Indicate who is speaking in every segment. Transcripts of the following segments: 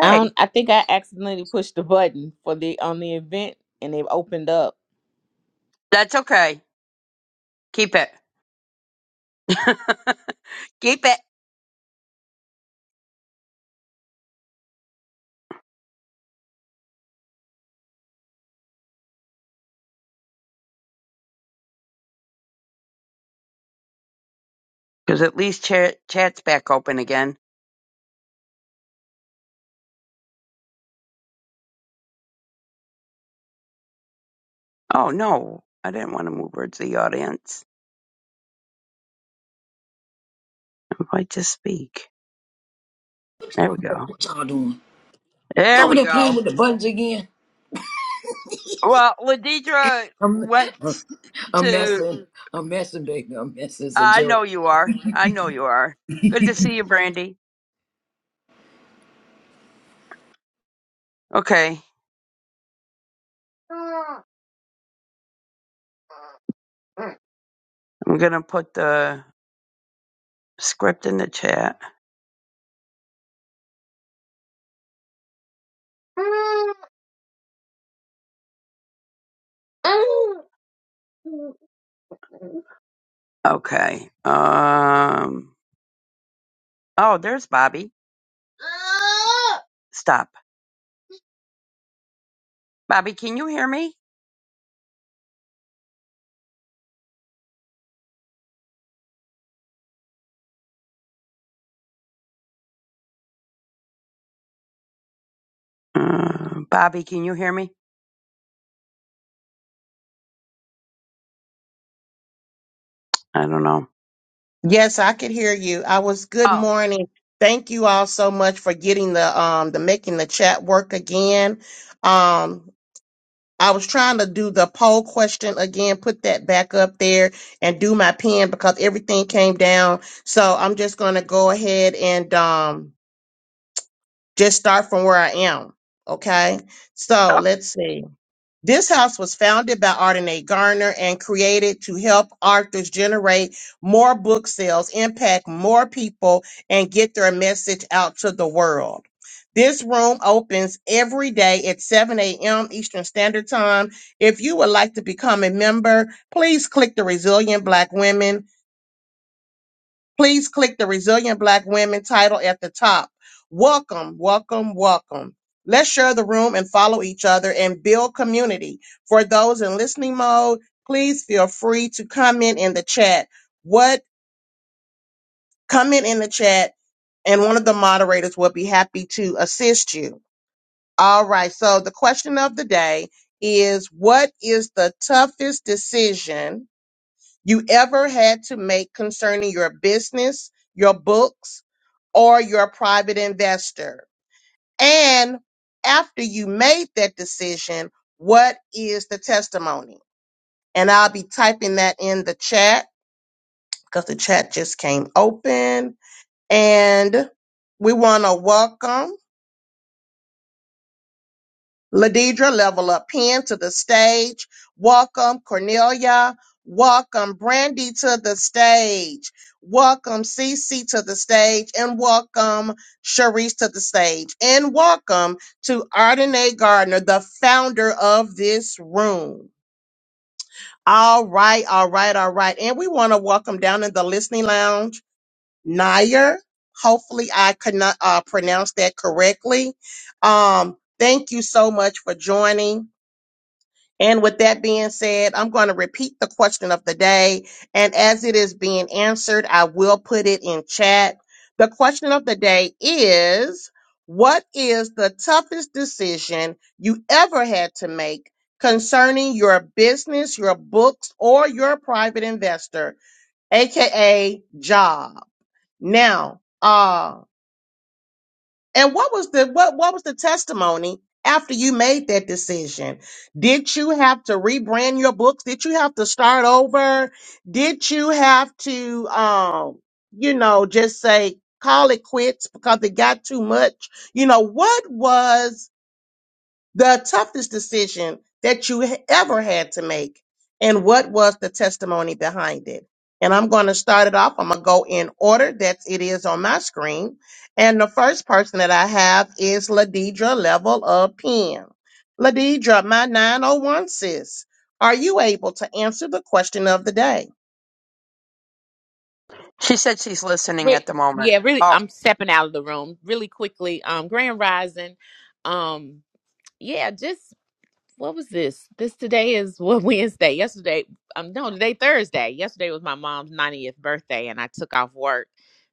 Speaker 1: I don't, I think I accidentally pushed the button for the on the event and they've opened up.
Speaker 2: That's okay. Keep it. Keep it. Because at least chat, chat's back open again. Oh, no. I didn't want to move her to the audience. Invite to speak. There we go.
Speaker 3: What y'all doing? You
Speaker 2: There
Speaker 3: over
Speaker 2: we
Speaker 3: there playing
Speaker 2: go.
Speaker 3: with the buttons again?
Speaker 2: Well, Ladidra
Speaker 3: I'm,
Speaker 2: went
Speaker 3: I'm
Speaker 2: to.
Speaker 3: messing. I'm messing, baby. I'm messing. It's a
Speaker 2: I know
Speaker 3: joke.
Speaker 2: you are. I know you are. Good to see you, Brandy. Okay. I'm going to put the script in the chat. Okay. Um. Oh, there's Bobby. Stop, Bobby. Can you hear me? Uh, Bobby, can you hear me? I don't know.
Speaker 4: Yes, I could hear you. I was good
Speaker 2: Oh,
Speaker 4: morning. Thank you all so much for getting the um the making the chat work again. Um I was trying to do the poll question again, put that back up there and do my pen because everything came down. So I'm just going to go ahead and um just start from where I am, okay? So,
Speaker 2: okay.
Speaker 4: let's see. This house was founded by Ardenae Garner and created to help authors generate more book sales, impact more people, and get their message out to the world. This room opens every day at 7 a.m. Eastern Standard Time. If you would like to become a member, please click the Resilient Black Women Please click the Resilient Black Women title at the top. Welcome, welcome, welcome. Let's share the room and follow each other and build community. For those in listening mode, please feel free to comment in the chat. What comment in the chat and one of the moderators will be happy to assist you. All right. So the question of the day is what is the toughest decision you ever had to make concerning your business, your books, or you're a private investor. And after you made that decision, what is the testimony? And I'll be typing that in the chat because the chat just came open. And we want to welcome. Ladidra, level up pen to the stage. Welcome, Cornelia. Welcome, Brandy to the stage. Welcome, Cece to the stage. And welcome, Sharice to the stage. And welcome to Ardenae Gardner, the founder of this room. All right, all right, all right. And we want to welcome down in the listening lounge, Nayer. Hopefully, I could not uh, pronounce that correctly. Um, thank you so much for joining. And with that being said, I'm going to repeat the question of the day. And as it is being answered, I will put it in chat. The question of the day is What is the toughest decision you ever had to make concerning your business, your books, or your private investor, AKA job? Now, uh, and what was the what what was the testimony after you made that decision? Did you have to rebrand your books? Did you have to start over? Did you have to um, you know, just say call it quits because it got too much? You know, what was the toughest decision that you h- ever had to make and what was the testimony behind it and i'm going to start it off i'm going to go in order that it is on my screen and the first person that i have is ladidra level of pen ladidra my 901 sis are you able to answer the question of the day
Speaker 2: She said she's listening at
Speaker 1: Re-
Speaker 2: the moment.
Speaker 1: yeah, really.
Speaker 2: Oh,
Speaker 1: I'm stepping out of the room really quickly. Um, Grand Rising. Um, yeah, just what was this? This today is what Wednesday. Yesterday, um, no, today Thursday. Yesterday was my mom's 90th birthday, and I took off work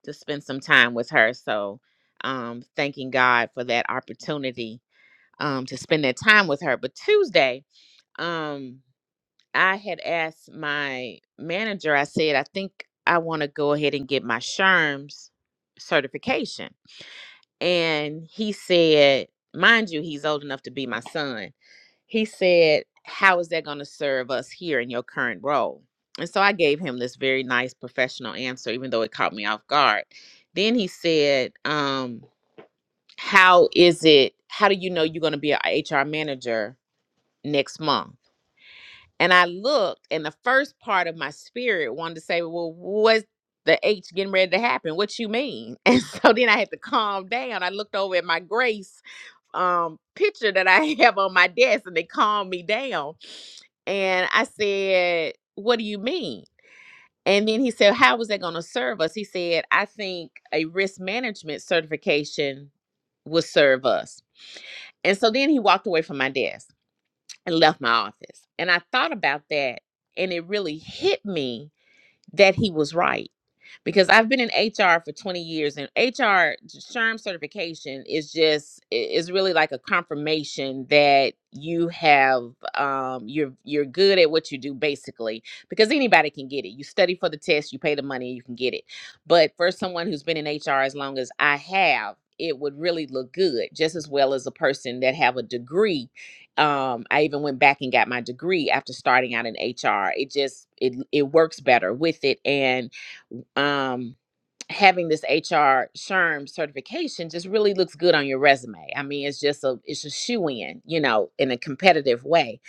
Speaker 1: to spend some time with her. So, um, thanking God for that opportunity um to spend that time with her. But Tuesday, Um. I had asked my manager, I said, I think I want to go ahead and get my SHRMS certification. And he said, mind you, he's old enough to be my son. He said, How is that going to serve us here in your current role? And so I gave him this very nice professional answer, even though it caught me off guard. Then he said, um, How is it? How do you know you're going to be an HR manager next month? And I looked, and the first part of my spirit wanted to say, Well, what's the H getting ready to happen? What you mean? And so then I had to calm down. I looked over at my grace um picture that I have on my desk and they calmed me down. And I said, What do you mean? And then he said, How was that gonna serve us? He said, I think a risk management certification will serve us. And so then he walked away from my desk and left my office. And I thought about that and it really hit me that he was right because I've been in HR for 20 years and HR SHRM certification is just i- is really like a confirmation that you have um you're you're good at what you do basically because anybody can get it. You study for the test, you pay the money, you can get it. But for someone who's been in HR as long as I have, it would really look good just as well as a person that have a degree um, I even went back and got my degree after starting out in HR. It just it it works better with it, and um having this HR SHRM certification just really looks good on your resume. I mean, it's just a it's a shoe in, you know, in a competitive way.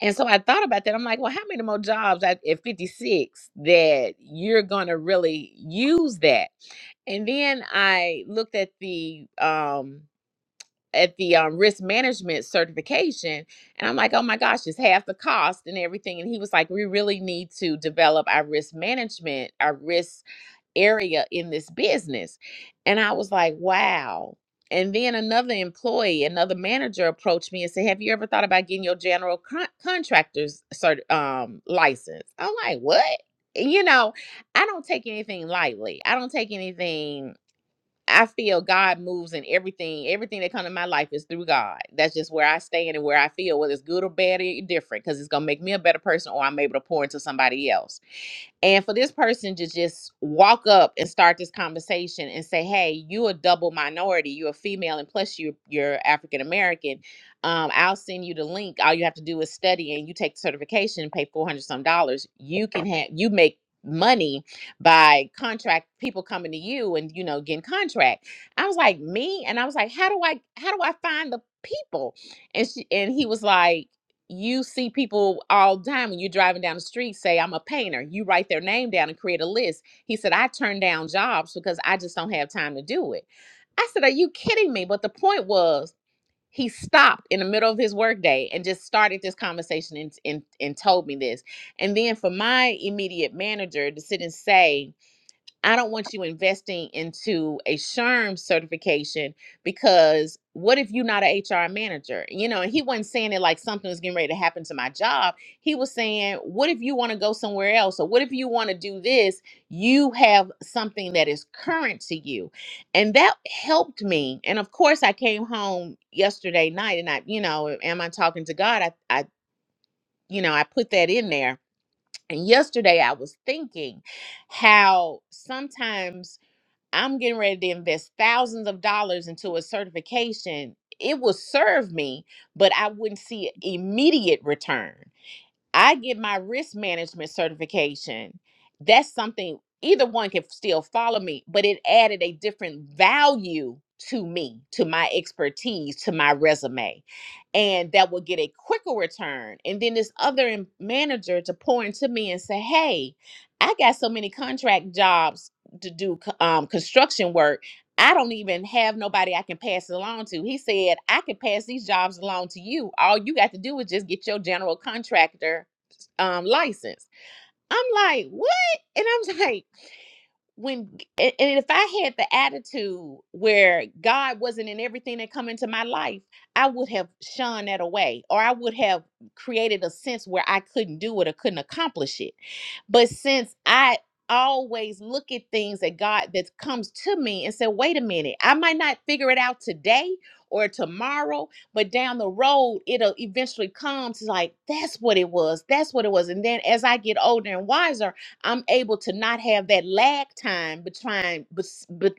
Speaker 1: And so I thought about that. I'm like, well, how many more jobs at, at 56 that you're gonna really use that? And then I looked at the um at the um, risk management certification, and I'm like, oh my gosh, it's half the cost and everything. And he was like, we really need to develop our risk management, our risk area in this business. And I was like, wow. And then another employee, another manager approached me and said, Have you ever thought about getting your general con- contractor's cert- um, license? I'm like, What? You know, I don't take anything lightly. I don't take anything I feel God moves in everything. Everything that comes in my life is through God. That's just where I stand and where I feel, whether it's good or bad, it different, because it's gonna make me a better person, or I'm able to pour into somebody else. And for this person to just walk up and start this conversation and say, "Hey, you a double minority. You're a female, and plus you you're African American. Um, I'll send you the link. All you have to do is study, and you take the certification and pay four hundred some dollars. You can have you make money." by contract people coming to you and you know getting contract i was like me and i was like how do i how do i find the people and she and he was like you see people all the time when you're driving down the street say i'm a painter you write their name down and create a list he said i turn down jobs because i just don't have time to do it i said are you kidding me but the point was he stopped in the middle of his workday and just started this conversation and, and, and told me this and then for my immediate manager to sit and say I don't want you investing into a SHRM certification because what if you're not an HR manager? You know, and he wasn't saying it like something was getting ready to happen to my job. He was saying, what if you want to go somewhere else? Or what if you want to do this? You have something that is current to you. And that helped me. And of course, I came home yesterday night and I, you know, am I talking to God? I, I you know, I put that in there. And yesterday I was thinking how sometimes I'm getting ready to invest thousands of dollars into a certification. It will serve me, but I wouldn't see an immediate return. I get my risk management certification. That's something either one can still follow me, but it added a different value to me, to my expertise, to my resume. And that will get a quicker return. And then this other em- manager to pour into me and say, hey, I got so many contract jobs to do co- um, construction work I don't even have nobody I can pass it along to. He said, I can pass these jobs along to you. All you got to do is just get your general contractor um, license. I'm like, what? And I'm like, when and and if I had the attitude where God wasn't in everything that come into my life, I would have shunned that away, or I would have created a sense where I couldn't do it or couldn't accomplish it. But since I always look at things that God that comes to me and say, wait a minute, I might not figure it out today or tomorrow, but down the road it'll eventually come to like that's what it was, that's what it was. And then as I get older and wiser, I'm able to not have that lag time between bes- bet-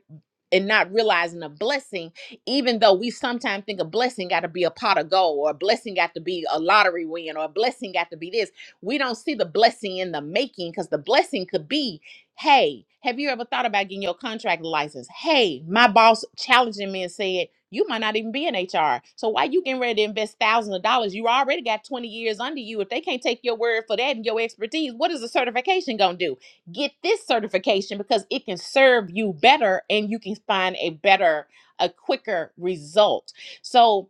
Speaker 1: and not realizing a blessing, even though we sometimes think a blessing got to be a pot of gold or a blessing got to be a lottery win or a blessing got to be this. We don't see the blessing in the making because the blessing could be, hey, have you ever thought about getting your contract license? Hey, my boss challenging me and said, you might not even be in HR. So why you getting ready to invest thousands of dollars? You already got 20 years under you. If they can't take your word for that and your expertise, what is the certification gonna do? Get this certification because it can serve you better and you can find a better, a quicker result. So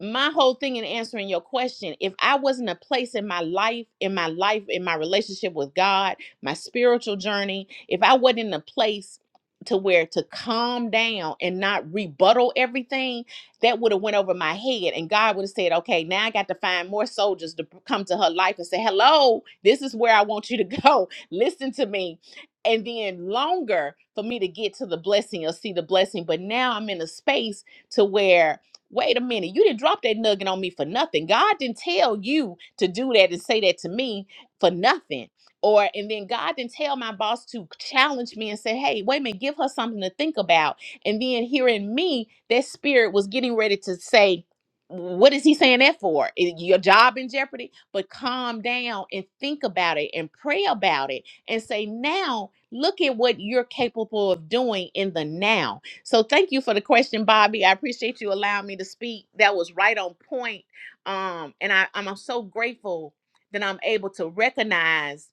Speaker 1: my whole thing in answering your question if i wasn't a place in my life in my life in my relationship with god my spiritual journey if i wasn't in a place to where to calm down and not rebuttal everything that would have went over my head and god would have said okay now i got to find more soldiers to come to her life and say hello this is where i want you to go listen to me and then longer for me to get to the blessing or see the blessing but now i'm in a space to where Wait a minute, you didn't drop that nugget on me for nothing. God didn't tell you to do that and say that to me for nothing. Or and then God didn't tell my boss to challenge me and say, hey, wait a minute, give her something to think about. And then hearing me, that spirit was getting ready to say, what is he saying that for? Is your job in jeopardy? But calm down and think about it and pray about it and say, now look at what you're capable of doing in the now so thank you for the question, Bobby. I appreciate you allowing me to speak. That was right on point. Um, and I, I'm so grateful that I'm able to recognize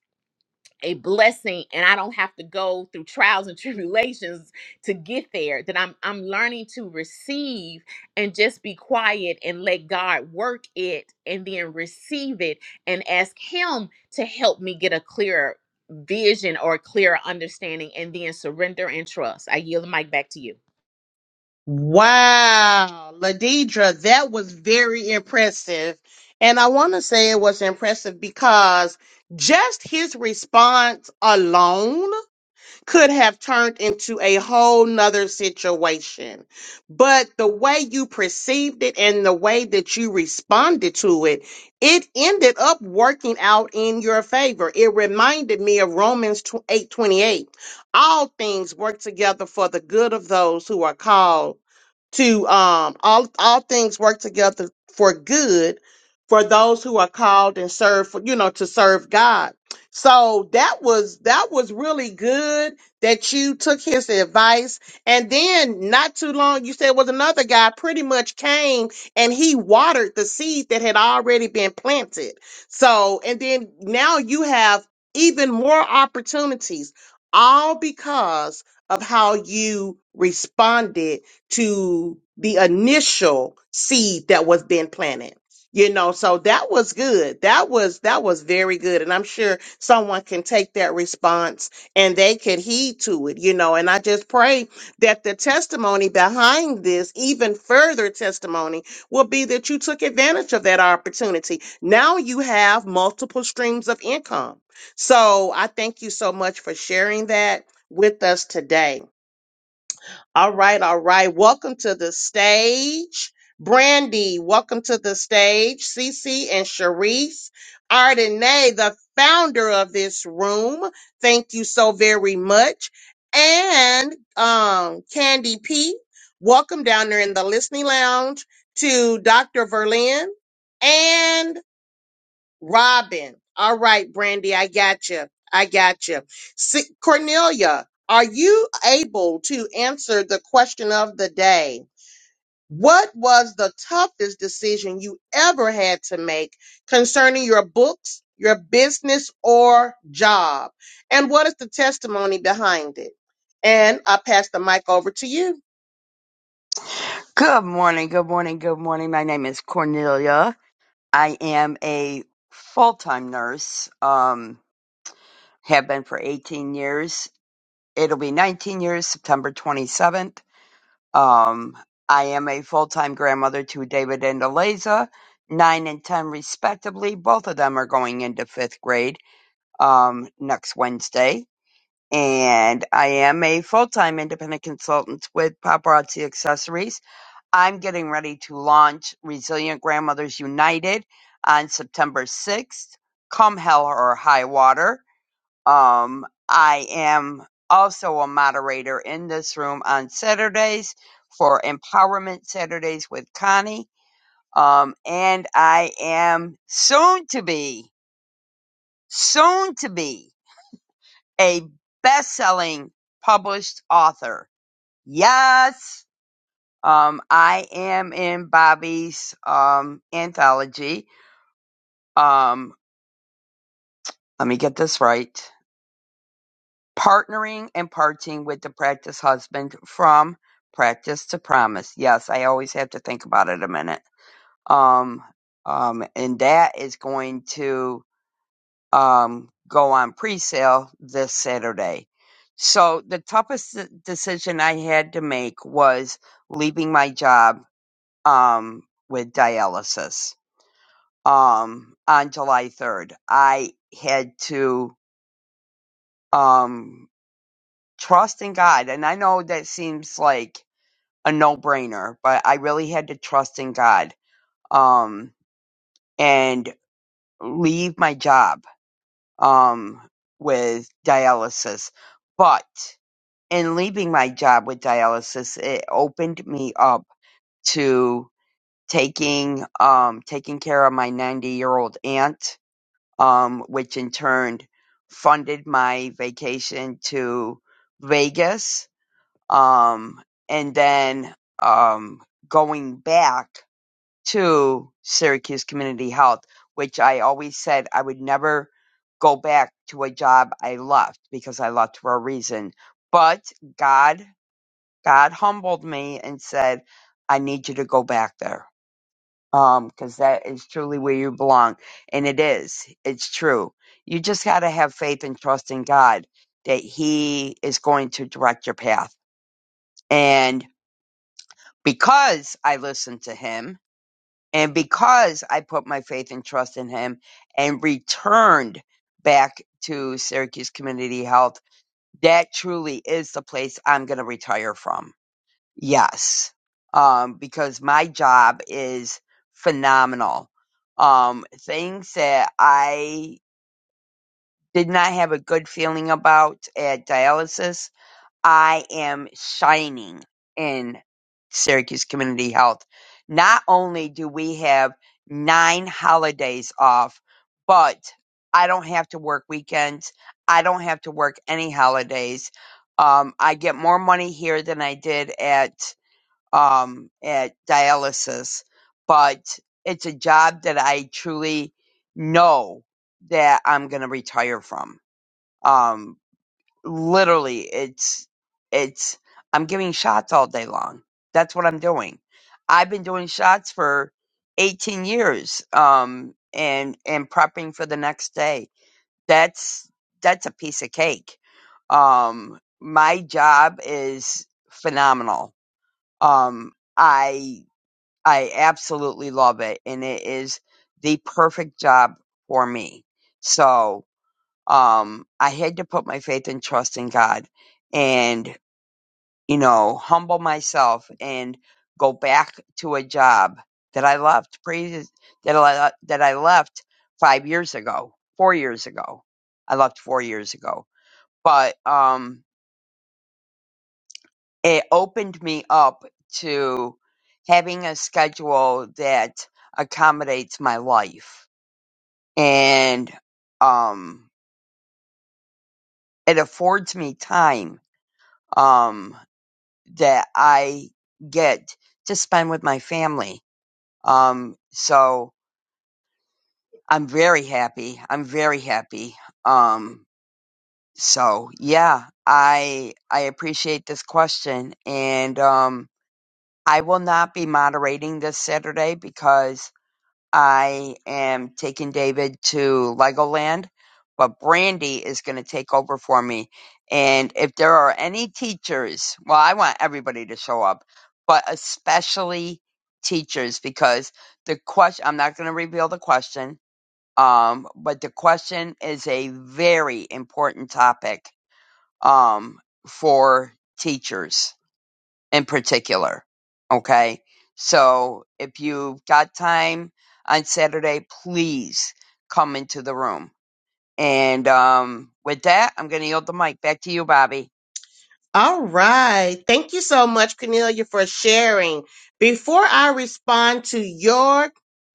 Speaker 1: a blessing and I don't have to go through trials and tribulations to get there. That I'm I'm learning to receive and just be quiet and let God work it and then receive it and ask him to help me get a clearer vision or a clearer understanding and then surrender and trust. I yield the mic back to you.
Speaker 4: Wow, Ladidra, that was very impressive. And I want to say it was impressive because just his response alone could have turned into a whole nother situation. But the way you perceived it and the way that you responded to it, it ended up working out in your favor. It reminded me of Romans 8 28: All things work together for the good of those who are called to um all all things work together for good for those who are called and serve for you know to serve God. So that was that was really good that you took his advice and then not too long you said was another guy pretty much came and he watered the seed that had already been planted. So and then now you have even more opportunities all because of how you responded to the initial seed that was then planted. You know, so that was good. That was that was very good. And I'm sure someone can take that response and they can heed to it, you know. And I just pray that the testimony behind this, even further testimony, will be that you took advantage of that opportunity. Now you have multiple streams of income. So I thank you so much for sharing that with us today. All right, all right. Welcome to the stage. Brandy, welcome to the stage. Cece and Sharice. Ardenay, the founder of this room. Thank you so very much. And um, Candy P, welcome down there in the listening lounge to Dr. Verlin. And Robin. All right, Brandy, I got you. I got you. Si- Cornelia, are you able to answer the question of the day? What was the toughest decision you ever had to make concerning your books, your business, or job? And what is the testimony behind it? And I pass the mic over to you.
Speaker 2: good morning, good morning, good morning. My name is Cornelia. I am a full-time nurse. Um, have been for 18 years. It'll be 19 years, September 27th Um, I am a full time grandmother to David and Eliza, nine and 10 respectively. Both of them are going into fifth grade um, next Wednesday. And I am a full time independent consultant with Paparazzi Accessories. I'm getting ready to launch Resilient Grandmothers United on September 6th. Come hell or high water um, I am also a moderator in this room on Saturdays for Empowerment Saturdays with Connie. Um, and I am soon to be, soon to be a best selling published author. Yes. Um, I am in Bobby's, um, anthology. Um, let me get this right. partnering and parting with the practice husband from practice to promise. Yes, I always have to think about it a minute. Um, um, and that is going to um, go on pre-sale this Saturday. So the toughest de- decision I had to make was leaving my job um, with dialysis um, on July 3rd. I had to. Um, trust in God. And I know that seems like a no brainer, but I really had to trust in God um, and leave my job um, with dialysis. But in leaving my job with dialysis, it opened me up to taking um, taking care of my 90 year old aunt, um, which in turn funded my vacation to Vegas um, and then um, going back to Syracuse Community Health, which I always said I would never go back to a job I left because I left for a reason. But God, God humbled me and said, "I need you to go back there." Um, cause that is truly where you belong. And it is. It's true. You just gotta have faith and trust in God that He is going to direct your path. And because I listened to him and because I put my faith and trust in him and returned back to Syracuse Community Health, that truly is the place I'm going to retire from. Yes. Um, because my job is phenomenal. Um, things that I did not have a good feeling about at dialysis, I am shining in Syracuse Community Health. Not only do we have nine holidays off, but I don't have to work weekends. I don't have to work any holidays. Um, I get more money here than I did at um, at dialysis, but it's a job that I truly know that I'm going to retire from. Um, literally it's it's i'm giving shots all day long that's what i'm doing i've been doing shots for 18 years um and and prepping for the next day that's that's a piece of cake um my job is phenomenal um i i absolutely love it and it is the perfect job for me so um, I had to put my faith and trust in God and, you know, humble myself and go back to a job that I left, previous, that I, that I left five years ago, four years ago. I left four years ago, but, um, it opened me up to having a schedule that accommodates my life and, um, it affords me time. Um, that I get to spend with my family. Um, so I'm very happy. I'm very happy. Um, so yeah, I I appreciate this question, and um, I will not be moderating this Saturday because I am taking David to Legoland, but Brandy is going to take over for me. And if there are any teachers, well, I want everybody to show up, but especially teachers because the question, I'm not going to reveal the question, um, but the question is a very important topic, um, for teachers in particular. Okay. So if you've got time on Saturday, please come into the room. And um, with that, I'm going to yield the mic back to you, Bobby.
Speaker 4: All right. Thank you so much, Cornelia, for sharing. Before I respond to your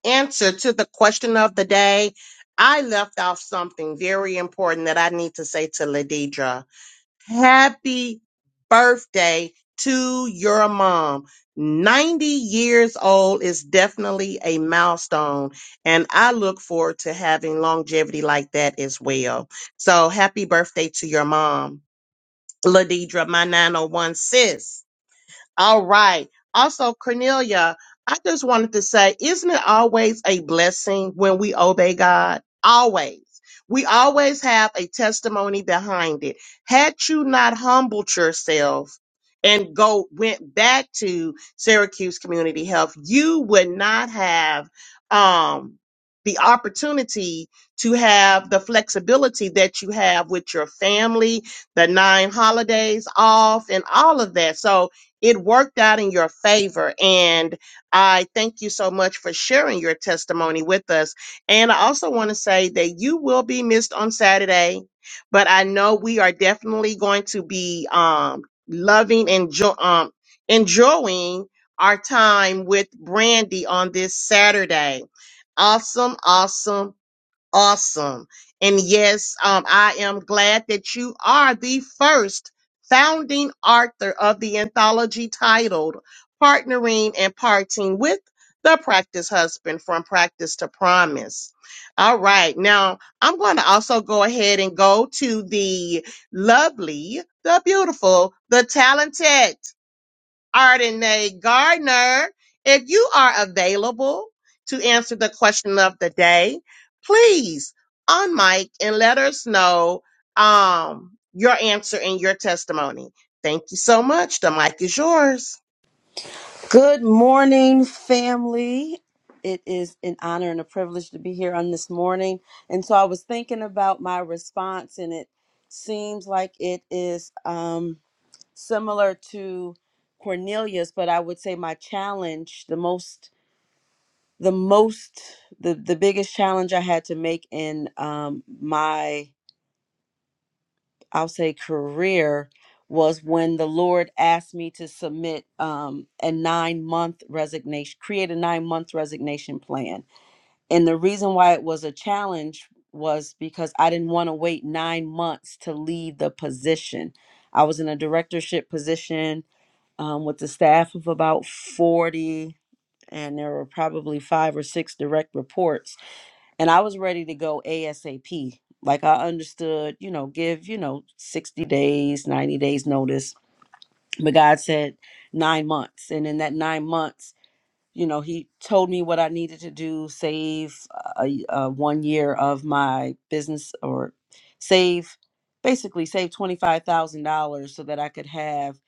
Speaker 4: answer to the question of the day, I left off something very important that I need to say to Ladidra. Happy birthday to your mom. 90 years old is definitely a milestone, and I look forward to having longevity like that as well. So, happy birthday to your mom. Ladidra, my 901 sis. All right. Also, Cornelia, I just wanted to say, isn't it always a blessing when we obey God? Always. We always have a testimony behind it. Had you not humbled yourself and go went back to Syracuse Community Health, you would not have um the opportunity to have the flexibility that you have with your family, the nine holidays off, and all of that. So it worked out in your favor. And I thank you so much for sharing your testimony with us. And I also want to say that you will be missed on Saturday, but I know we are definitely going to be um, loving and jo- um, enjoying our time with Brandy on this Saturday. Awesome, awesome awesome. And yes, um, I am glad that you are the first founding author of the anthology titled Partnering and Parting with the Practice Husband from Practice to Promise. All right. Now, I'm going to also go ahead and go to the lovely, the beautiful, the talented. Ardenae Gardner. If you are available to answer the question of the day, please on mic and let us know um, your answer and your testimony. Thank you so much. The mic is yours.
Speaker 5: Good morning, family. It is an honor and a privilege to be here on this morning. And so I was thinking about my response, and it seems like it is um, similar to Cornelius, but I would say my challenge, the most, the most, the, the biggest challenge I had to make in um, my I'll say career was when the Lord asked me to submit um, a nine month resignation, create a nine month resignation plan. And the reason why it was a challenge was because I didn't want to wait nine months to leave the position. I was in a directorship position um, with a staff of about 40, and there were probably five or six direct reports and I was ready to go ASAP. Like I understood, you know, give, you know, 60 days, 90 days notice. But God said nine months. And in that nine months, you know, He told me what I needed to do save a, a one year of my business or save, basically, save $25,000 so that I could have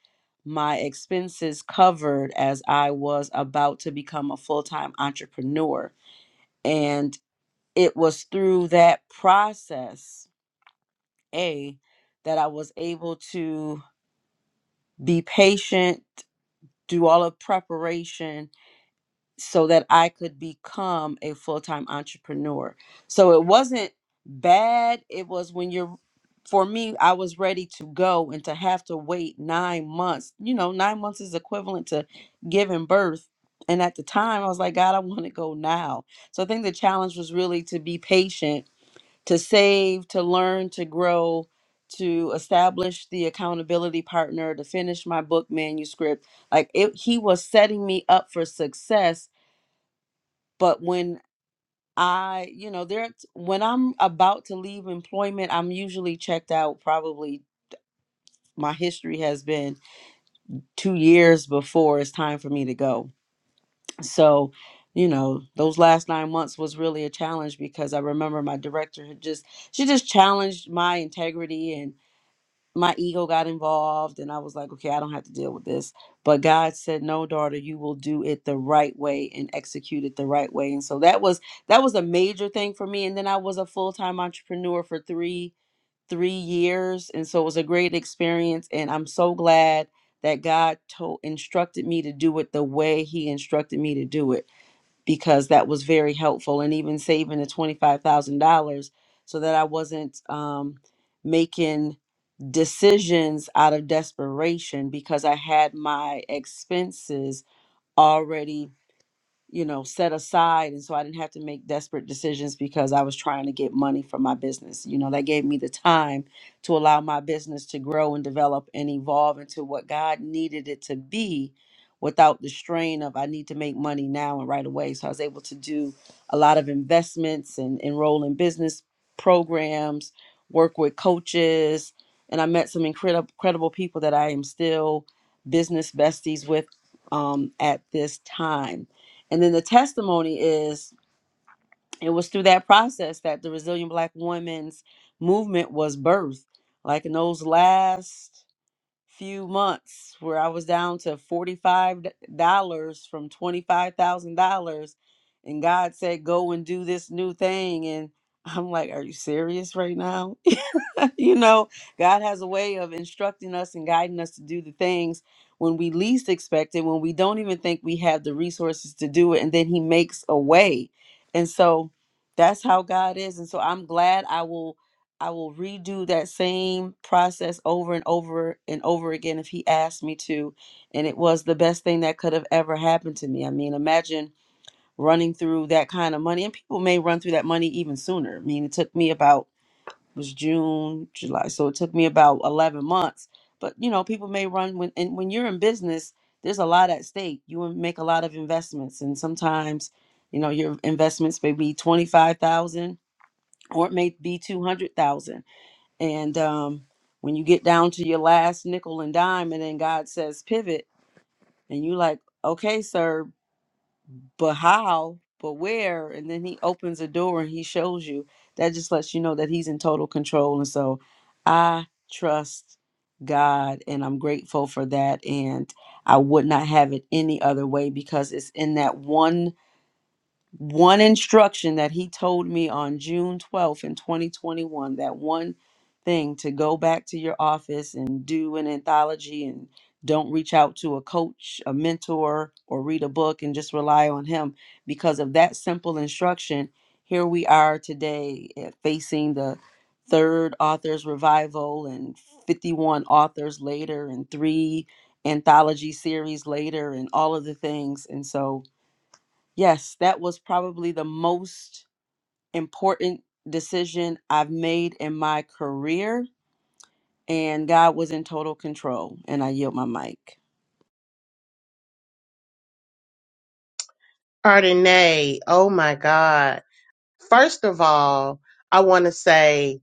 Speaker 5: my expenses covered as I was about to become a full time entrepreneur. and it was through that process a that i was able to be patient do all of preparation so that i could become a full-time entrepreneur so it wasn't bad it was when you're for me i was ready to go and to have to wait nine months you know nine months is equivalent to giving birth and at the time i was like god i want to go now so i think the challenge was really to be patient to save, to learn, to grow, to establish the accountability partner, to finish my book manuscript. Like it, he was setting me up for success. But when I, you know, there, when I'm about to leave employment, I'm usually checked out. Probably my history has been two years before it's time for me to go. So, you know, those last nine months was really a challenge because I remember my director had just, she just challenged my integrity and. my ego got involved and I was like, okay, I don't have to deal with this. But God said, no, daughter, you will do it the right way and execute it the right way. And so that was that was a major thing for me. And then I was a full-time entrepreneur for three three years. And so it was a great experience. And I'm so glad that God told instructed me to do it the way he instructed me to do it because that was very helpful. And even saving the twenty-five thousand dollars so that I wasn't um making decisions out of desperation because I had my expenses already you know, set aside. And so I didn't have to make desperate decisions because I was trying to get money for my business. You know, that gave me the time to allow my business to grow and develop and evolve into what God needed it to be without the strain of I need to make money now and right away. So I was able to do a lot of investments and enroll in business programs, work with coaches. And I met some incredible, incredible people that I am still business besties with um, at this time. And then the testimony is it was through that process that the resilient black women's movement was birthed. Like in those last few months where I was down to $45 from $25,000 and God said go and do this new thing and I'm like are you serious right now? you know, God has a way of instructing us and guiding us to do the things when we least expect it, when we don't even think we have the resources to do it and then he makes a way. And so that's how God is and so I'm glad I will I will redo that same process over and over and over again if he asked me to. And it was the best thing that could have ever happened to me. I mean, imagine running through that kind of money. And people may run through that money even sooner. I mean, it took me about, it was June, July. So it took me about 11 months. But, you know, people may run when, and when you're in business, there's a lot at stake. You will make a lot of investments. And sometimes, you know, your investments may be 25,000 or it may be 200,000 and um, when you get down to your last nickel and dime, and then God says pivot, and you like, okay, sir, but how? But where? And then He opens a door and He shows you. That just lets you know that He's in total control. And so, I trust God, and I'm grateful for that. And I would not have it any other way because it's in that one one instruction that he told me on June 12th in 2021 that one thing to go back to your office and do an anthology and don't reach out to a coach, a mentor, or read a book and just rely on him because of that simple instruction. Here we are today eh, facing the third author's revival and 51 authors later and three anthology series later and all of the things. And so, Yes, that was probably the most important decision I've made in my career. And God was in total control. And I yield my mic.
Speaker 4: Ardenae, oh my God. First of all, I want to say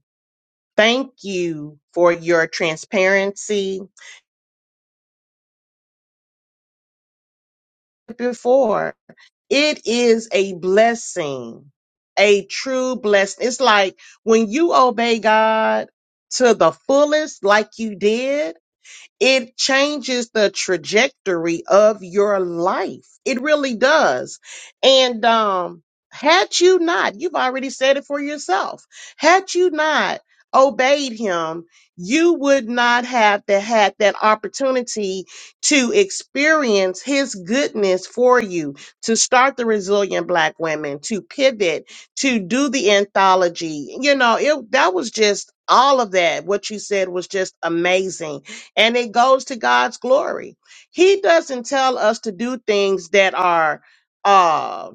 Speaker 4: thank you for your transparency before. It is a blessing, a true blessing. It's like when you obey God to the fullest, like you did. It changes the trajectory of your life. It really does. And um, had you not, you've already said it for yourself, had you not obeyed him, you would not have the, had that opportunity to experience his goodness for you, to start the resilient black women, to pivot, to do the anthology. You know, it that was just all of that. What you said was just amazing and it goes to God's glory. He doesn't tell us to do things that are um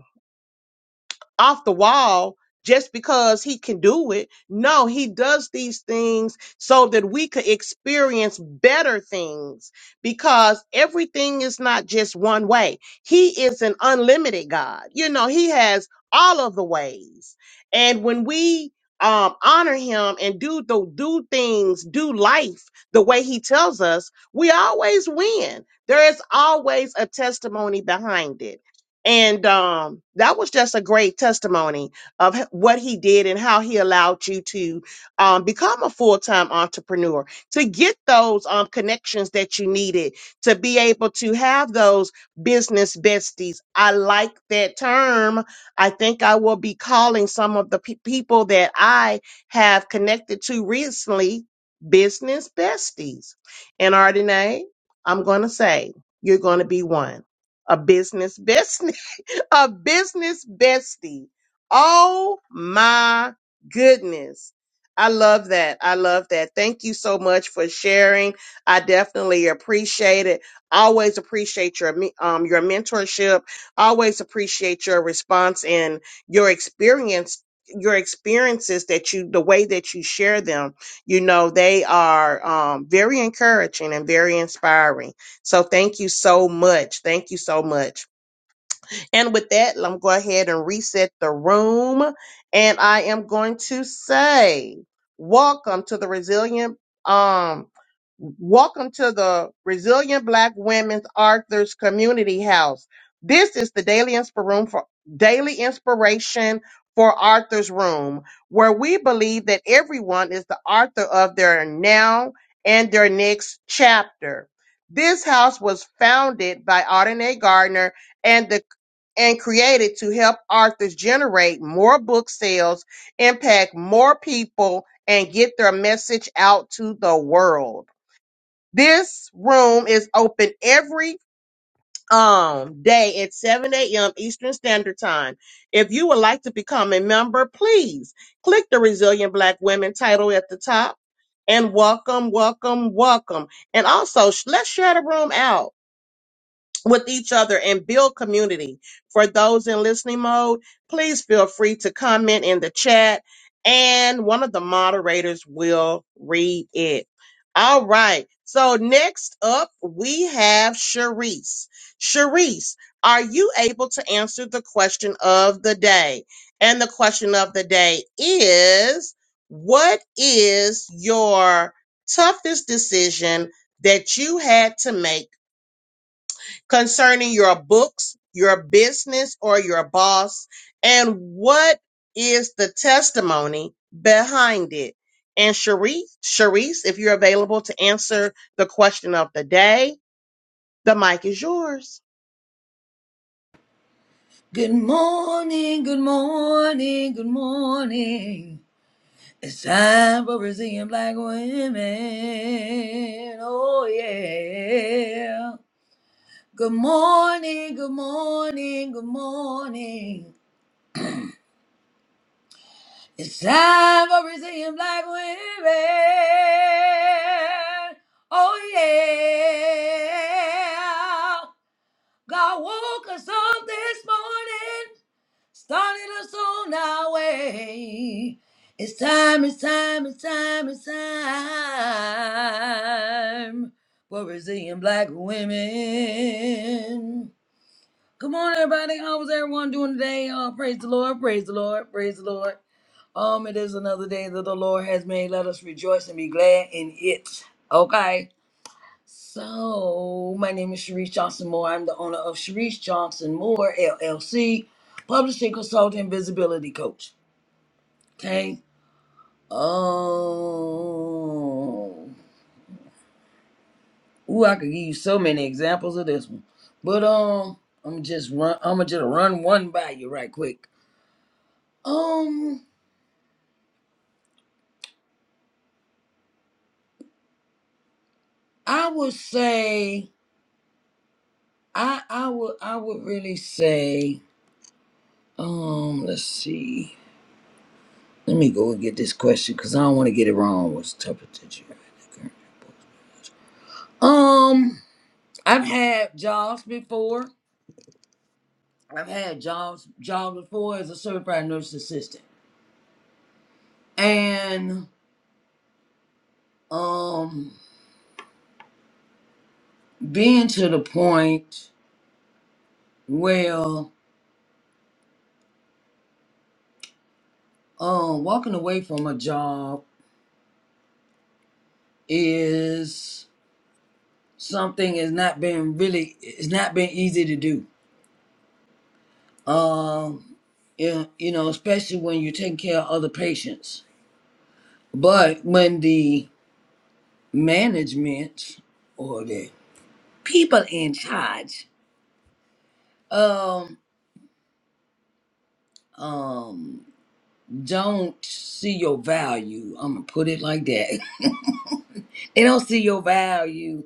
Speaker 4: off the wall just because he can do it. No, he does these things so that we could experience better things because everything is not just one way. He is an unlimited God. You know, he has all of the ways. And when we um, honor him and do the do things, do life the way he tells us, we always win. There is always a testimony behind it. And um, that was just a great testimony of h- what he did and how he allowed you to um, become a full time entrepreneur, to get those um, connections that you needed, to be able to have those business besties. I like that term. I think I will be calling some of the pe- people that I have connected to recently business besties. And Ardenae, I'm going to say, you're going to be one a business bestie a business bestie. Oh my goodness. I love that. I love that. Thank you so much for sharing. I definitely appreciate it. Always appreciate your me- um your mentorship. Always appreciate your response and your experience your experiences that you the way that you share them. You know, they are um very encouraging and very inspiring. So thank you so much. Thank you so much. And with that, I'm going to go ahead and reset the room. And I am going to say, welcome to the resilient, um, welcome to the resilient Black Women's Arthur's Community House. This is the daily inspir- room for daily inspiration for Arthur's Room, where we believe that everyone is the author of their now and their next chapter. This house was founded by Arden A. Gardner and the and created to help authors generate more book sales, impact more people, and get their message out to the world. This room is open every um day at 7 a.m. Eastern Standard Time. If you would like to become a member, please click the Resilient Black Women title at the top and welcome, welcome, welcome. And also, sh- let's share the room out with each other and build community. For those in listening mode, please feel free to comment in the chat and one of the moderators will read it. All right. So next up, we have Sharice. Sharice, are you able to answer the question of the day? And the question of the day is what is your toughest decision that you had to make? concerning your books, your business, or your boss, and what is the testimony behind it? And Sharice, Sharice, if you're available to answer the question of the day, the mic is yours.
Speaker 3: Good morning. Good morning. Good morning. It's time for Brazilian black women. Oh, yeah. Good morning. Good morning. Good morning. It's time for Brazilian black women. Oh yeah. God woke us up this morning, started us on our way. It's time, it's time, it's time, it's time for Brazilian black women. Come on, everybody. How was everyone doing today? Oh, praise the Lord, praise the Lord, praise the Lord. Um, it is another day that the Lord has made. Let us rejoice and be glad in it. Okay. So, my name is Sharice Johnson Moore. I'm the owner of Sharice Johnson Moore LLC, publishing consultant, and visibility coach. Okay. Um, ooh, I could give you so many examples of this one, but um, I'm just run. I'm gonna just run one by you right quick. Um, I would say I I would I would really say Um, let's see. Let me go and get this question because I don't want to get it wrong. What's the temperature? you Um, I've had jobs before. I've had jobs jobs before as a certified nurse assistant, and um, being to the point where um walking away from a job is something is not been really it's not been easy to do Um, yeah, you know, especially when you're taking care of other patients. But when the management or the people in charge, um, um, don't see your value. I'm gonna put it like that. they don't see your value,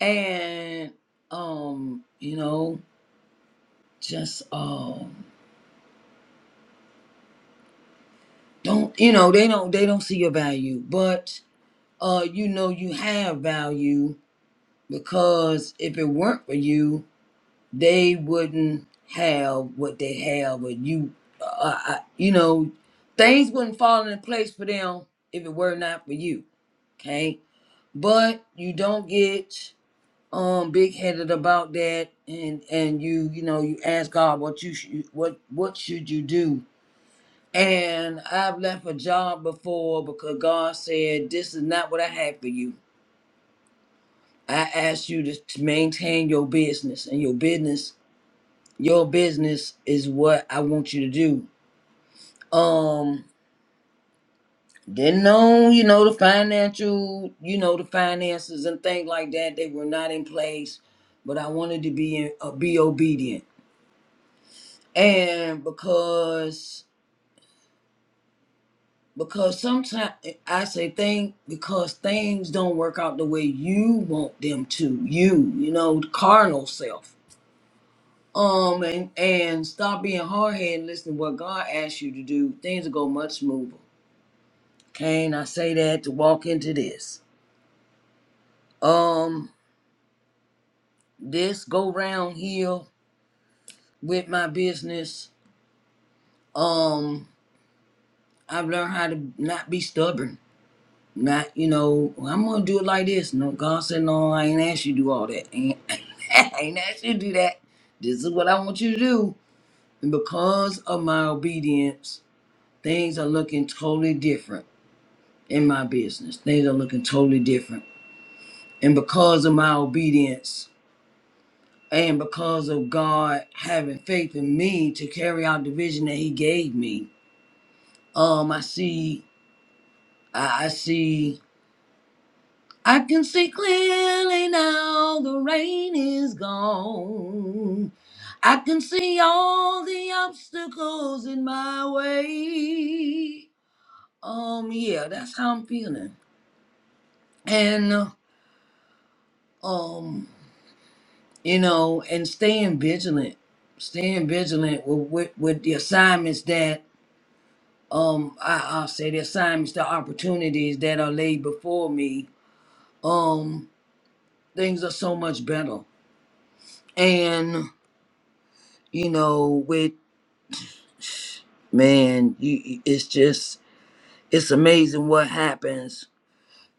Speaker 3: and um, you know, just um, don't you know they don't they don't see your value, but uh, you know you have value because if it weren't for you, they wouldn't have what they have, or you, uh, uh, you know, things wouldn't fall into place for them if it were not for you. Okay, but you don't get um big headed about that, and and you you know you ask God what you should what what should you do. And I've left a job before because God said this is not what I had for you I ask you to to maintain your business and your business your business is what I want you to do. Um didn't know, you know, the financial, you know, the finances and things like that, they were not in place, but I wanted to be in, uh, be obedient. And because because sometimes I say thing because things don't work out the way you want them to. You, you know, the carnal self Um, and, and stop being hard headed and listen to what God asks you to do. Things will go much smoother. Can I say that to walk into this? Um, this go round here with my business. Um, I've learned how to not be stubborn. Not, you know, "Well, I'm gonna do it like this. No, God said, no, I ain't asked you to do all that. Ain't, I ain't asked you to do that. This is what I want you to do. And because of my obedience, things are looking totally different in my business. Things are looking totally different. And because of my obedience and because of God having faith in me to carry out the vision that He gave me, um, I see, I, I see, I can see clearly now the rain is gone. I can see all the obstacles in my way. Um, yeah, that's how I'm feeling. And, uh, um, you know, and staying vigilant, staying vigilant with with, with the assignments that um I, I'll say the assignments, the opportunities that are laid before me. Um, things are so much better, and you know, with man, you, you- it's just it's amazing what happens.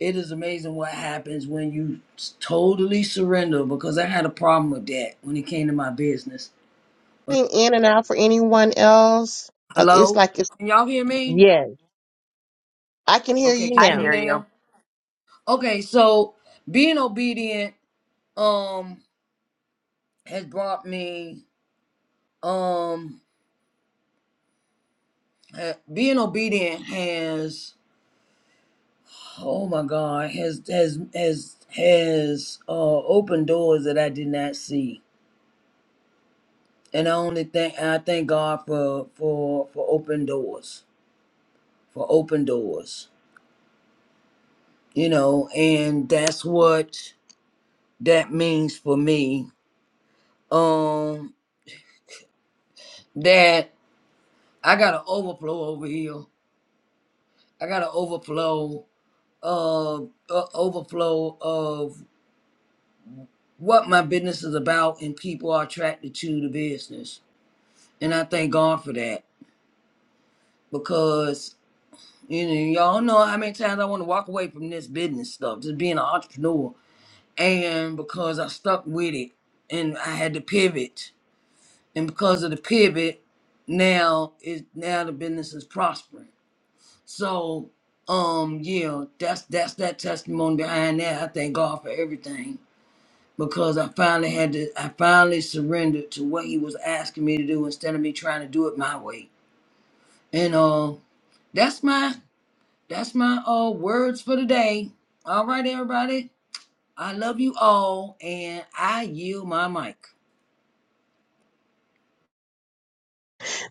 Speaker 3: It is amazing what happens when you s- totally surrender because I had a problem with that when it came to my business. But
Speaker 4: In and out for anyone else, because it's
Speaker 3: hello,
Speaker 4: like it's
Speaker 3: can y'all hear me?
Speaker 4: yes, I can hear
Speaker 3: Okay,
Speaker 4: you
Speaker 3: can you
Speaker 2: I
Speaker 3: hear me
Speaker 4: now.
Speaker 2: hear you.
Speaker 3: now? Okay, so being obedient um has brought me um ha- being obedient has oh my god has has has has uh opened doors that I did not see. And I only thank I thank God for for for open doors. For open doors. You know, and that's what that means for me. Um that I got an overflow over here. I got an overflow uh, uh overflow of what my business is about and people are attracted to the business and i thank god for that because you know y'all know how many times i want to walk away from this business stuff just being an entrepreneur and because i stuck with it and i had to pivot and because of the pivot now is now the business is prospering so um yeah that's that's that testimony behind that i thank god for everything because I finally had to, I finally surrendered to what he was asking me to do instead of me trying to do it my way. And uh, that's my, that's my uh, words for today. All right, everybody. I love you all, and I yield my mic.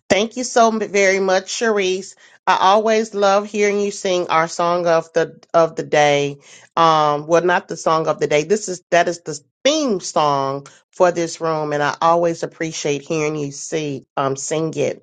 Speaker 4: Thank you so m- very much, Sharice. I always love hearing you sing our song of the of the day. Um, well, not the song of the day. This is that is the theme song for this room, and I always appreciate hearing you see um sing it.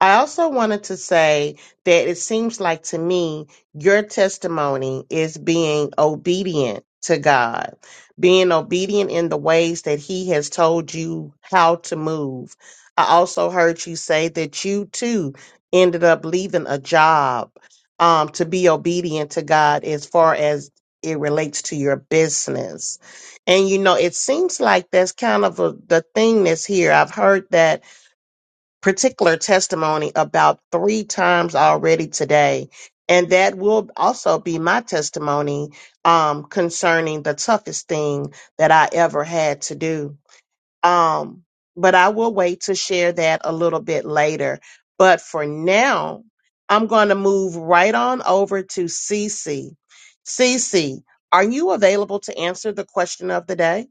Speaker 4: I also wanted to say that it seems like to me your testimony is being obedient to God, being obedient in the ways that He has told you how to move. I also heard you say that you too ended up leaving a job um, to be obedient to God as far as it relates to your business. And you know, it seems like that's kind of a, the thing that's here. I've heard that particular testimony about three times already today. And that will also be my testimony um, concerning the toughest thing that I ever had to do. Um, but I will wait to share that a little bit later. But for now, I'm going to move right on over to Cece. Cece, are you available to answer the question of the day?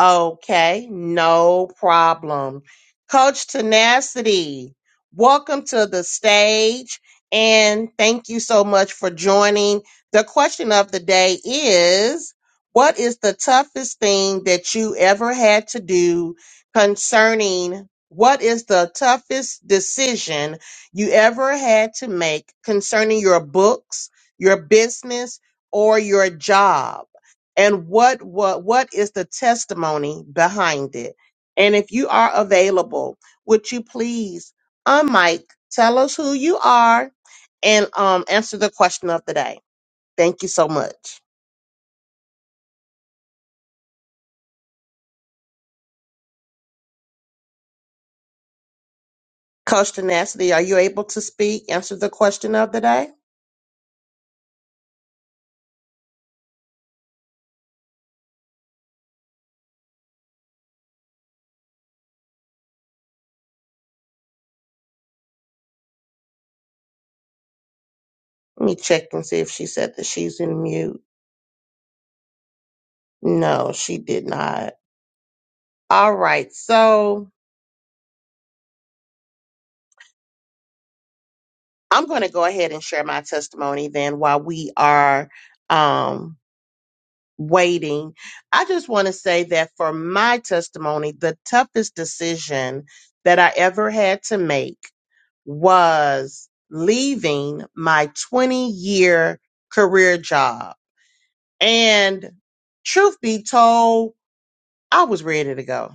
Speaker 4: Okay, no problem. Coach Tenacity, welcome to the stage and thank you so much for joining. The question of the day is What is the toughest thing that you ever had to do concerning? What is the toughest decision you ever had to make concerning your books, your business, or your job? and what what what is the testimony behind it and if you are available would you please on mike tell us who you are and um answer the question of the day thank you so much coach tenacity are you able to speak answer the question of the day let me check and see if she said that she's in mute no she did not all right so i'm going to go ahead and share my testimony then while we are um waiting. I just want to say that for my testimony, the toughest decision that I ever had to make was leaving my 20 year career job. And truth be told, I was ready to go.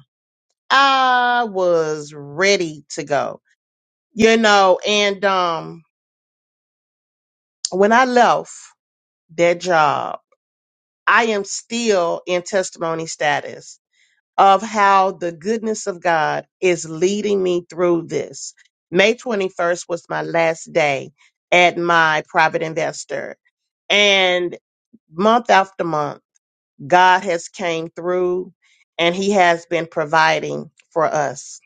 Speaker 4: I was ready to go, you know, and, um, when I left that job, I am still in testimony status of how the goodness of God is leading me through this. May 21st was my last day at my private investor and month after month God has came through and he has been providing for us.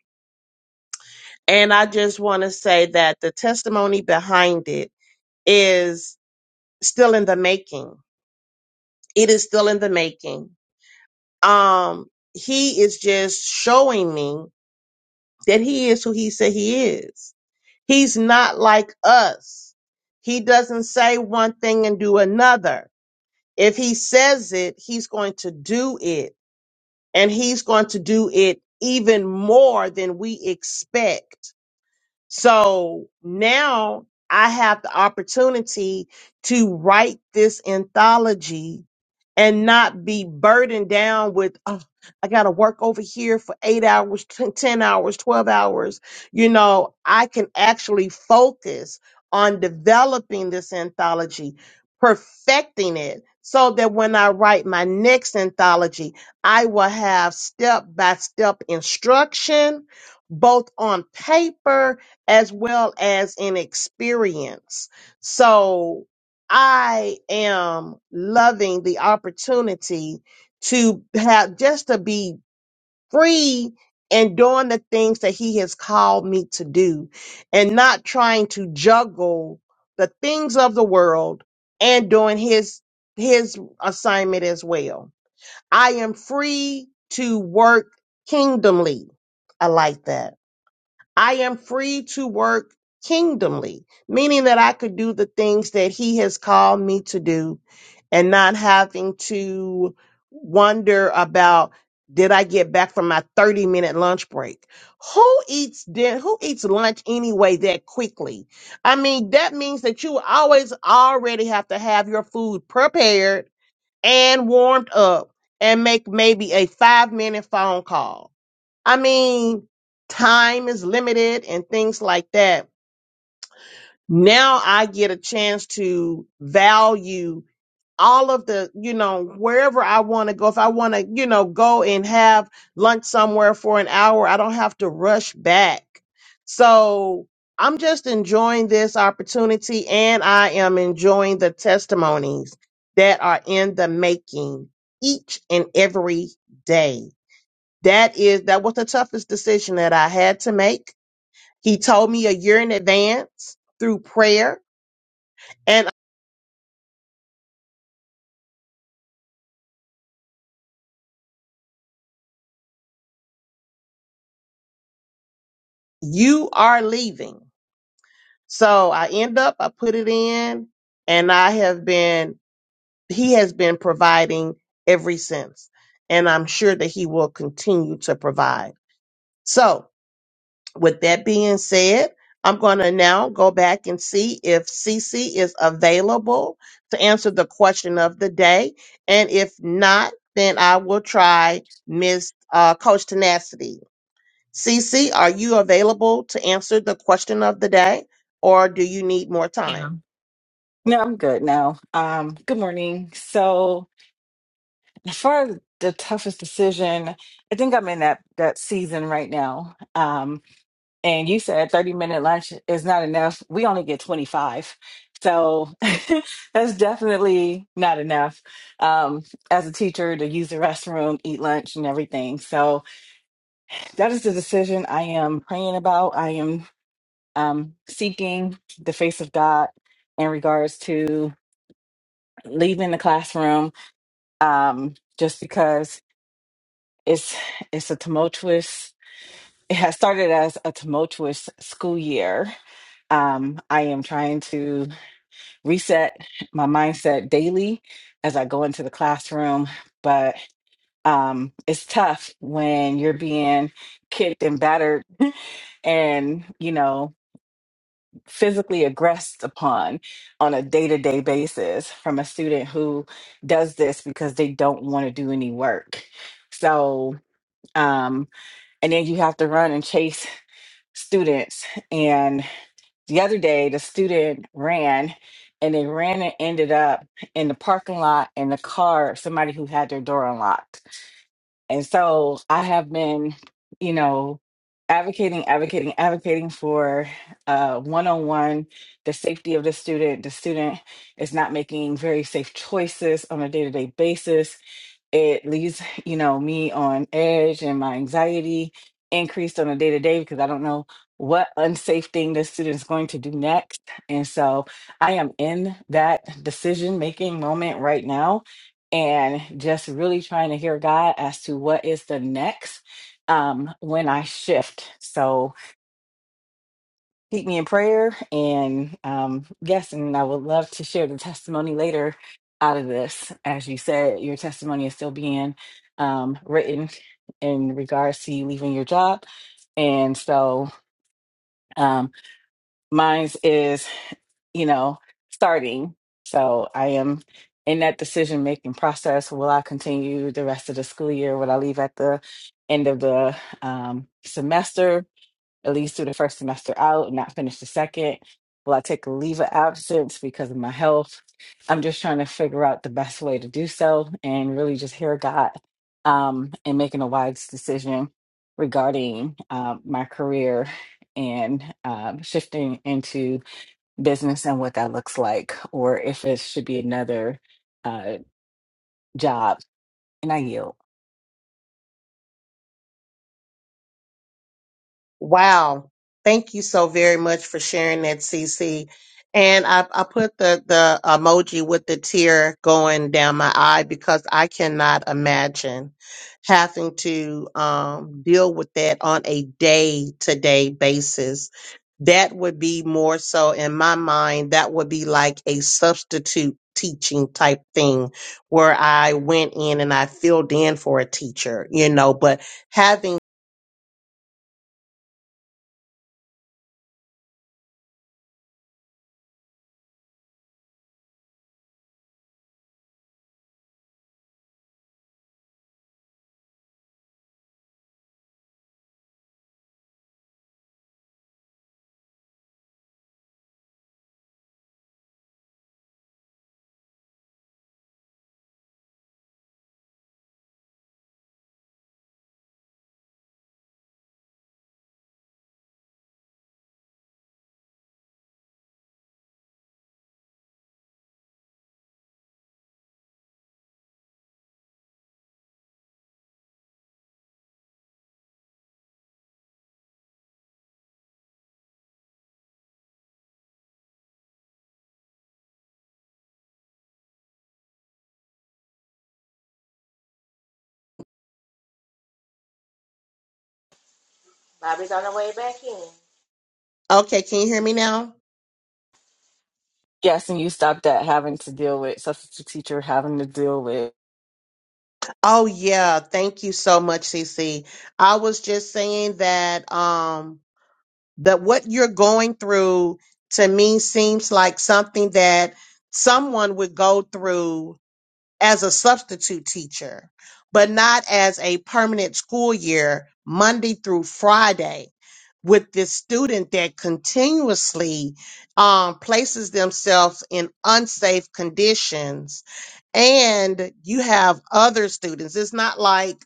Speaker 4: And I just want to say that the testimony behind it is still in the making. It is still in the making. Um he is just showing me that he is who he said he is He's not like us. He doesn't say one thing and do another. If he says it, he's going to do it, and he's going to do it even more than we expect. So now I have the opportunity to write this anthology and not be burdened down with, oh, I got to work over here for eight hours, 10 10 hours, 12 hours. You know, I can actually focus on developing this anthology, perfecting it. So that when I write my next anthology, I will have step by step instruction, both on paper as well as in experience. So I am loving the opportunity to have just to be free and doing the things that he has called me to do and not trying to juggle the things of the world and doing his his assignment as well. I am free to work kingdomly. I like that I am free to work kingdomly, meaning that I could do the things that He has called me to do and not having to wonder about did I get back from my 30 minute lunch break? Who eats din- who eats lunch anyway that quickly? I mean, that means that you always already have to have your food prepared and warmed up and make maybe a 5 minute phone call I mean, time is limited and things like that. Now I get a chance to value all of the, you know, wherever I want to go. If I want to, you know, go and have lunch somewhere for an hour, I don't have to rush back. So I'm just enjoying this opportunity and I am enjoying the testimonies that are in the making each and every day. That is that was the toughest decision that I had to make. He told me a year in advance through prayer, and you are leaving. So I end up, I put it in, and I have been he has been providing ever since. And I'm sure that he will continue to provide. So With that being said, I'm going to now go back and see if Cece is available to answer the question of the day. And if not, then I will try Miss uh, Coach Tenacity. Cece, are you available to answer the question of the day or do you need more time?
Speaker 6: Yeah. No, I'm good now. Um, good morning. So, as far as the toughest decision, I think I'm in that that season right now. Um, and you said 30 minute lunch is not enough. We only get 25. So, that's definitely not enough. Um, as a teacher to use the restroom, eat lunch and everything. So, that is the decision I am praying about. I am um seeking the face of God in regards to leaving the classroom um, just because it's it's a tumultuous it has started as a tumultuous school year um, i am trying to reset my mindset daily as i go into the classroom but um, it's tough when you're being kicked and battered and you know physically aggressed upon on a day to day basis from a student who does this because they don't want to do any work. So, um, and then you have to run and chase students. And the other day, the student ran and they ran and ended up in the parking lot in the car of somebody who had their door unlocked and so I have been, you know, advocating, advocating, advocating for uh, one-on-one, the safety of the student. The student is not making very safe choices on a day-to-day basis it leaves you know me on edge and my anxiety increased on a day to day because i don't know what unsafe thing the student's going to do next and so i am in that decision making moment right now and just really trying to hear god as to what is the next um when i shift so keep me in prayer. And um, yes, and I would love to share the testimony later out of this. As you said, your testimony is still being um, written in regards to you leaving your job. And so um, mine's is, you know, starting. So I am in that decision making process. Will I continue the rest of the school year? Will I leave at the end of the um, semester? at least through the first semester out, not finish the second? Will I take a leave of absence because of my health? I'm just trying to figure out the best way to do so and really just hear God um, and making a wise decision regarding um, my career and um, shifting into business and what that looks like, or if it should be another uh, job. And I yield.
Speaker 4: Wow. Thank you so very much for sharing that, CC. And I, I put the, the emoji with the tear going down my eye because I cannot imagine having to um, deal with that on a day to day basis. That would be more so in my mind, that would be like a substitute teaching type thing where I went in and I filled in for a teacher, you know, but having,
Speaker 7: Bobby's on the way back in.
Speaker 4: okay, can you hear me now?
Speaker 6: Yes, and you stopped at having to deal with substitute teacher, having to deal with
Speaker 4: Oh yeah, thank you so much, CC. I was just saying that um that what you're going through to me seems like something that someone would go through as a substitute teacher, but not as a permanent school year, Monday through Friday, with this student that continuously um, places themselves in unsafe conditions. And you have other students. It's not like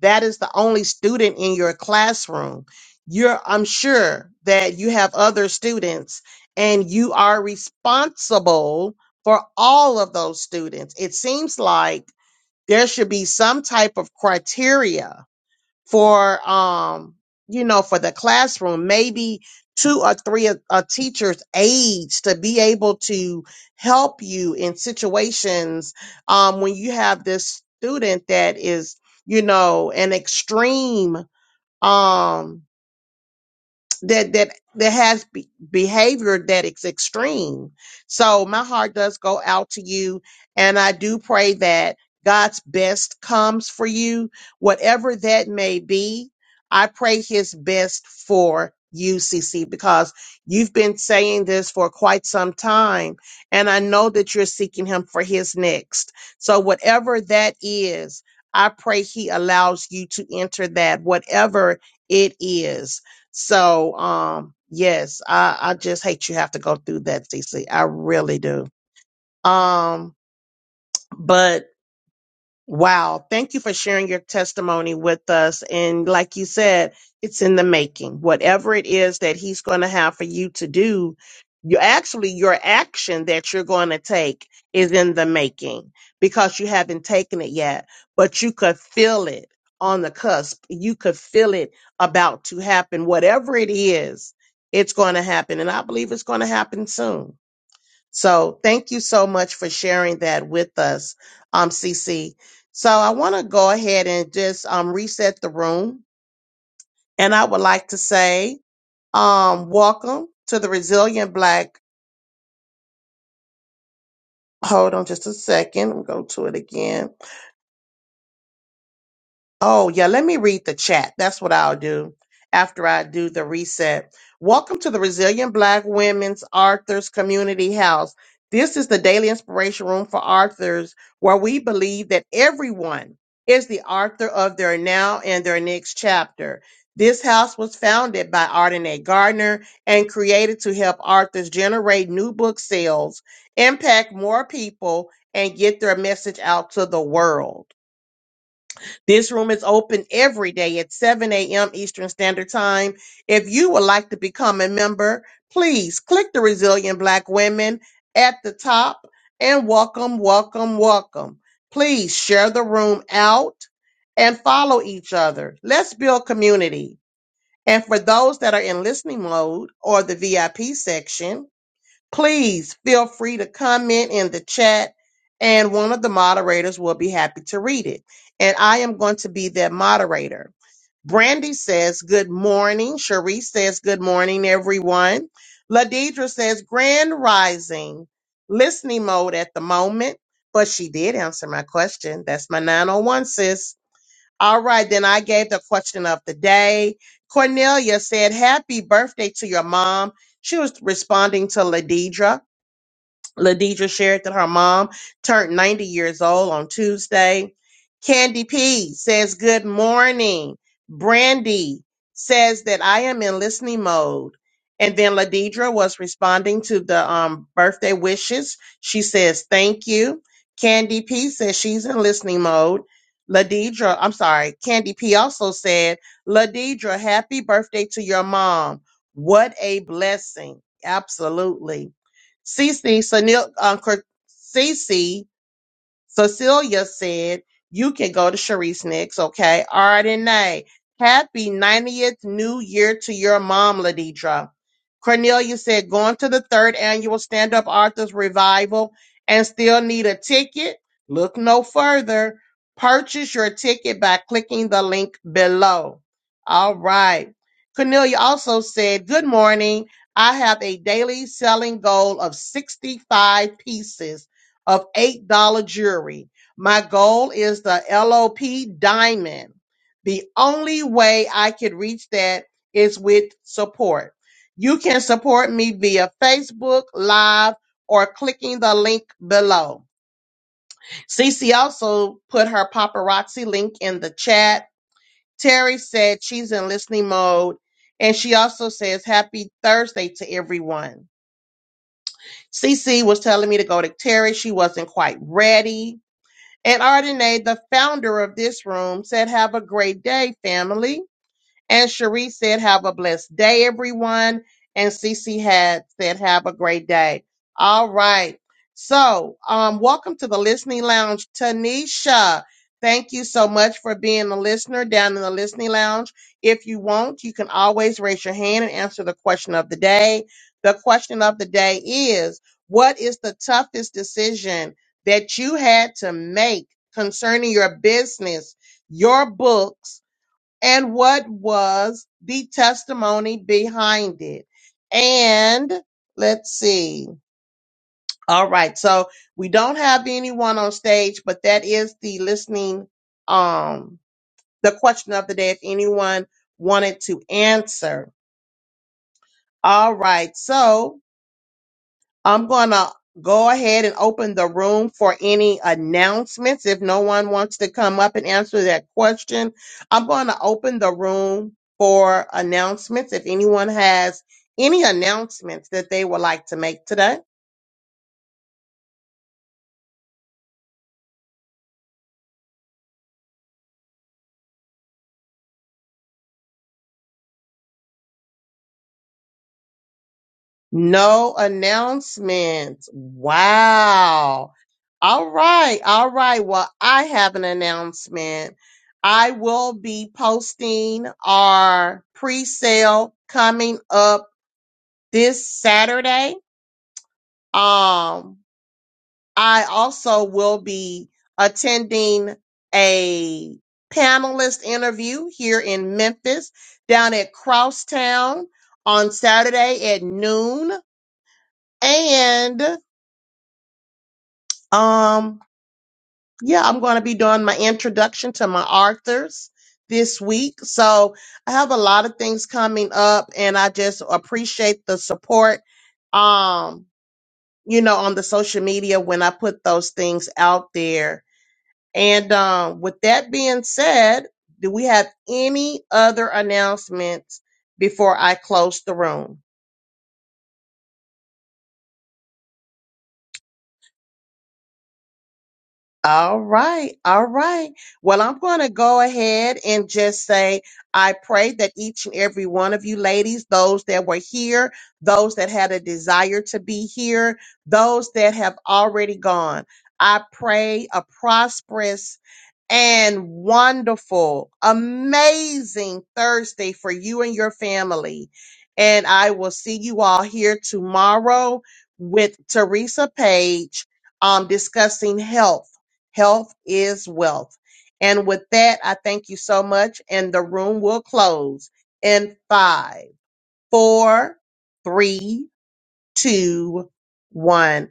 Speaker 4: that is the only student in your classroom. You're, I'm sure that you have other students and you are responsible for all of those students. It seems like there should be some type of criteria for, um, you know, for the classroom, maybe two or three a, a teacher's age to be able to help you in situations um, when you have this student that is, you know, an extreme um, that that that has be- behavior that is extreme. So my heart does go out to you, and I do pray that God's best comes for you, whatever that may be. I pray His best for you, CC, because you've been saying this for quite some time, and I know that you're seeking Him for His next. So whatever that is. I pray he allows you to enter that, whatever it is. So, um, yes, I, I just hate you have to go through that, Cece. I really do. Um, but Wow. Thank you for sharing your testimony with us. And like you said, it's in the making. Whatever it is that he's going to have for you to do, you actually, your action that you're going to take is in the making because you haven't taken it yet, but you could feel it on the cusp. You could feel it about to happen. Whatever it is, it's going to happen. And I believe it's going to happen soon. So thank you so much for sharing that with us, um, CC. So I want to go ahead and just um, reset the room. And I would like to say, um, welcome to the Resilient Black. Hold on just a second. Go to it again. Oh, yeah, let me read the chat. That's what I'll do after I do the reset. Welcome to the Resilient Black Women's Arthurs Community House. This is the daily inspiration room for authors where we believe that everyone is the author of their now and their next chapter. This house was founded by Ardenae Gardner and created to help authors generate new book sales, impact more people, and get their message out to the world. This room is open every day at 7 a.m. Eastern Standard Time. If you would like to become a member, please click the Resilient Black Women at the top and welcome, welcome, welcome. Please share the room out and follow each other. Let's build community. And for those that are in listening mode or the VIP section, Please feel free to comment in the chat, and one of the moderators will be happy to read it. And I am going to be that moderator. Brandy says, Good morning. Cherise says, Good morning, everyone. Ladidra says, Grand rising, listening mode at the moment. But she did answer my question. That's my 901, sis. All right, then I gave the question of the day. Cornelia said, Happy birthday to your mom. She was responding to Ladidra. Ladidra shared that her mom turned 90 years old on Tuesday. Candy P says, Good morning. Brandy says that I am in listening mode. And then Ladidra was responding to the um, birthday wishes. She says, Thank you. Candy P says she's in listening mode. Ladidra, I'm sorry, Candy P also said, Ladidra, happy birthday to your mom. What a blessing. Absolutely. Cece Sanil, uh, Cor- Cece, Cecilia said, You can go to Sharice next, okay? Ardenae, happy 90th New Year to your mom, Ladidra. Cornelia said, Going to the third annual Stand Up Arthurs Revival and still need a ticket? Look no further. Purchase your ticket by clicking the link below. All right. Cornelia also said, Good morning. I have a daily selling goal of 65 pieces of $8 jewelry. My goal is the LOP diamond. The only way I could reach that is with support. You can support me via Facebook Live or clicking the link below. Cece also put her paparazzi link in the chat. Terry said she's in listening mode. And she also says happy Thursday to everyone. Cece was telling me to go to Terry. She wasn't quite ready And Ardenae, the founder of this room, said, Have a great day, family. And Cherie said, Have a blessed day, everyone. And Cece had said, Have a great day. All right. So, um, welcome to the listening lounge, Tanisha. Thank you so much for being a listener down in the listening lounge. If you want, you can always raise your hand and answer the question of the day. The question of the day is What is the toughest decision that you had to make concerning your business, your books? and what was the testimony behind it. And let's see. All right. So we don't have anyone on stage, but that is the listening, um, the question of the day. If anyone wanted to answer. All right. So I'm going to go ahead and open the room for any announcements. If no one wants to come up and answer that question, I'm going to open the room for announcements. If anyone has any announcements that they would like to make today, no announcements. Wow. All right. All right. Well, I have an announcement. I will be posting our pre sale coming up this Saturday. Um, I also will be attending a panelist interview here in Memphis down at Crosstown on Saturday at noon. And um, yeah, I'm going to be doing my introduction to my authors this week. So I have a lot of things coming up and I just appreciate the support. Um, you know, on the social media when I put those things out there. And um, with that being said, do we have any other announcements before I close the room? All right, all right. Well, I'm going to go ahead and just say I pray that each and every one of you ladies, those that were here, those that had a desire to be here, those that have already gone, I pray a prosperous and wonderful, amazing Thursday for you and your family. And I will see you all here tomorrow with Teresa Page um, discussing health. Health is wealth. And with that, I thank you so much. And the room will close in five, four, three, two, one.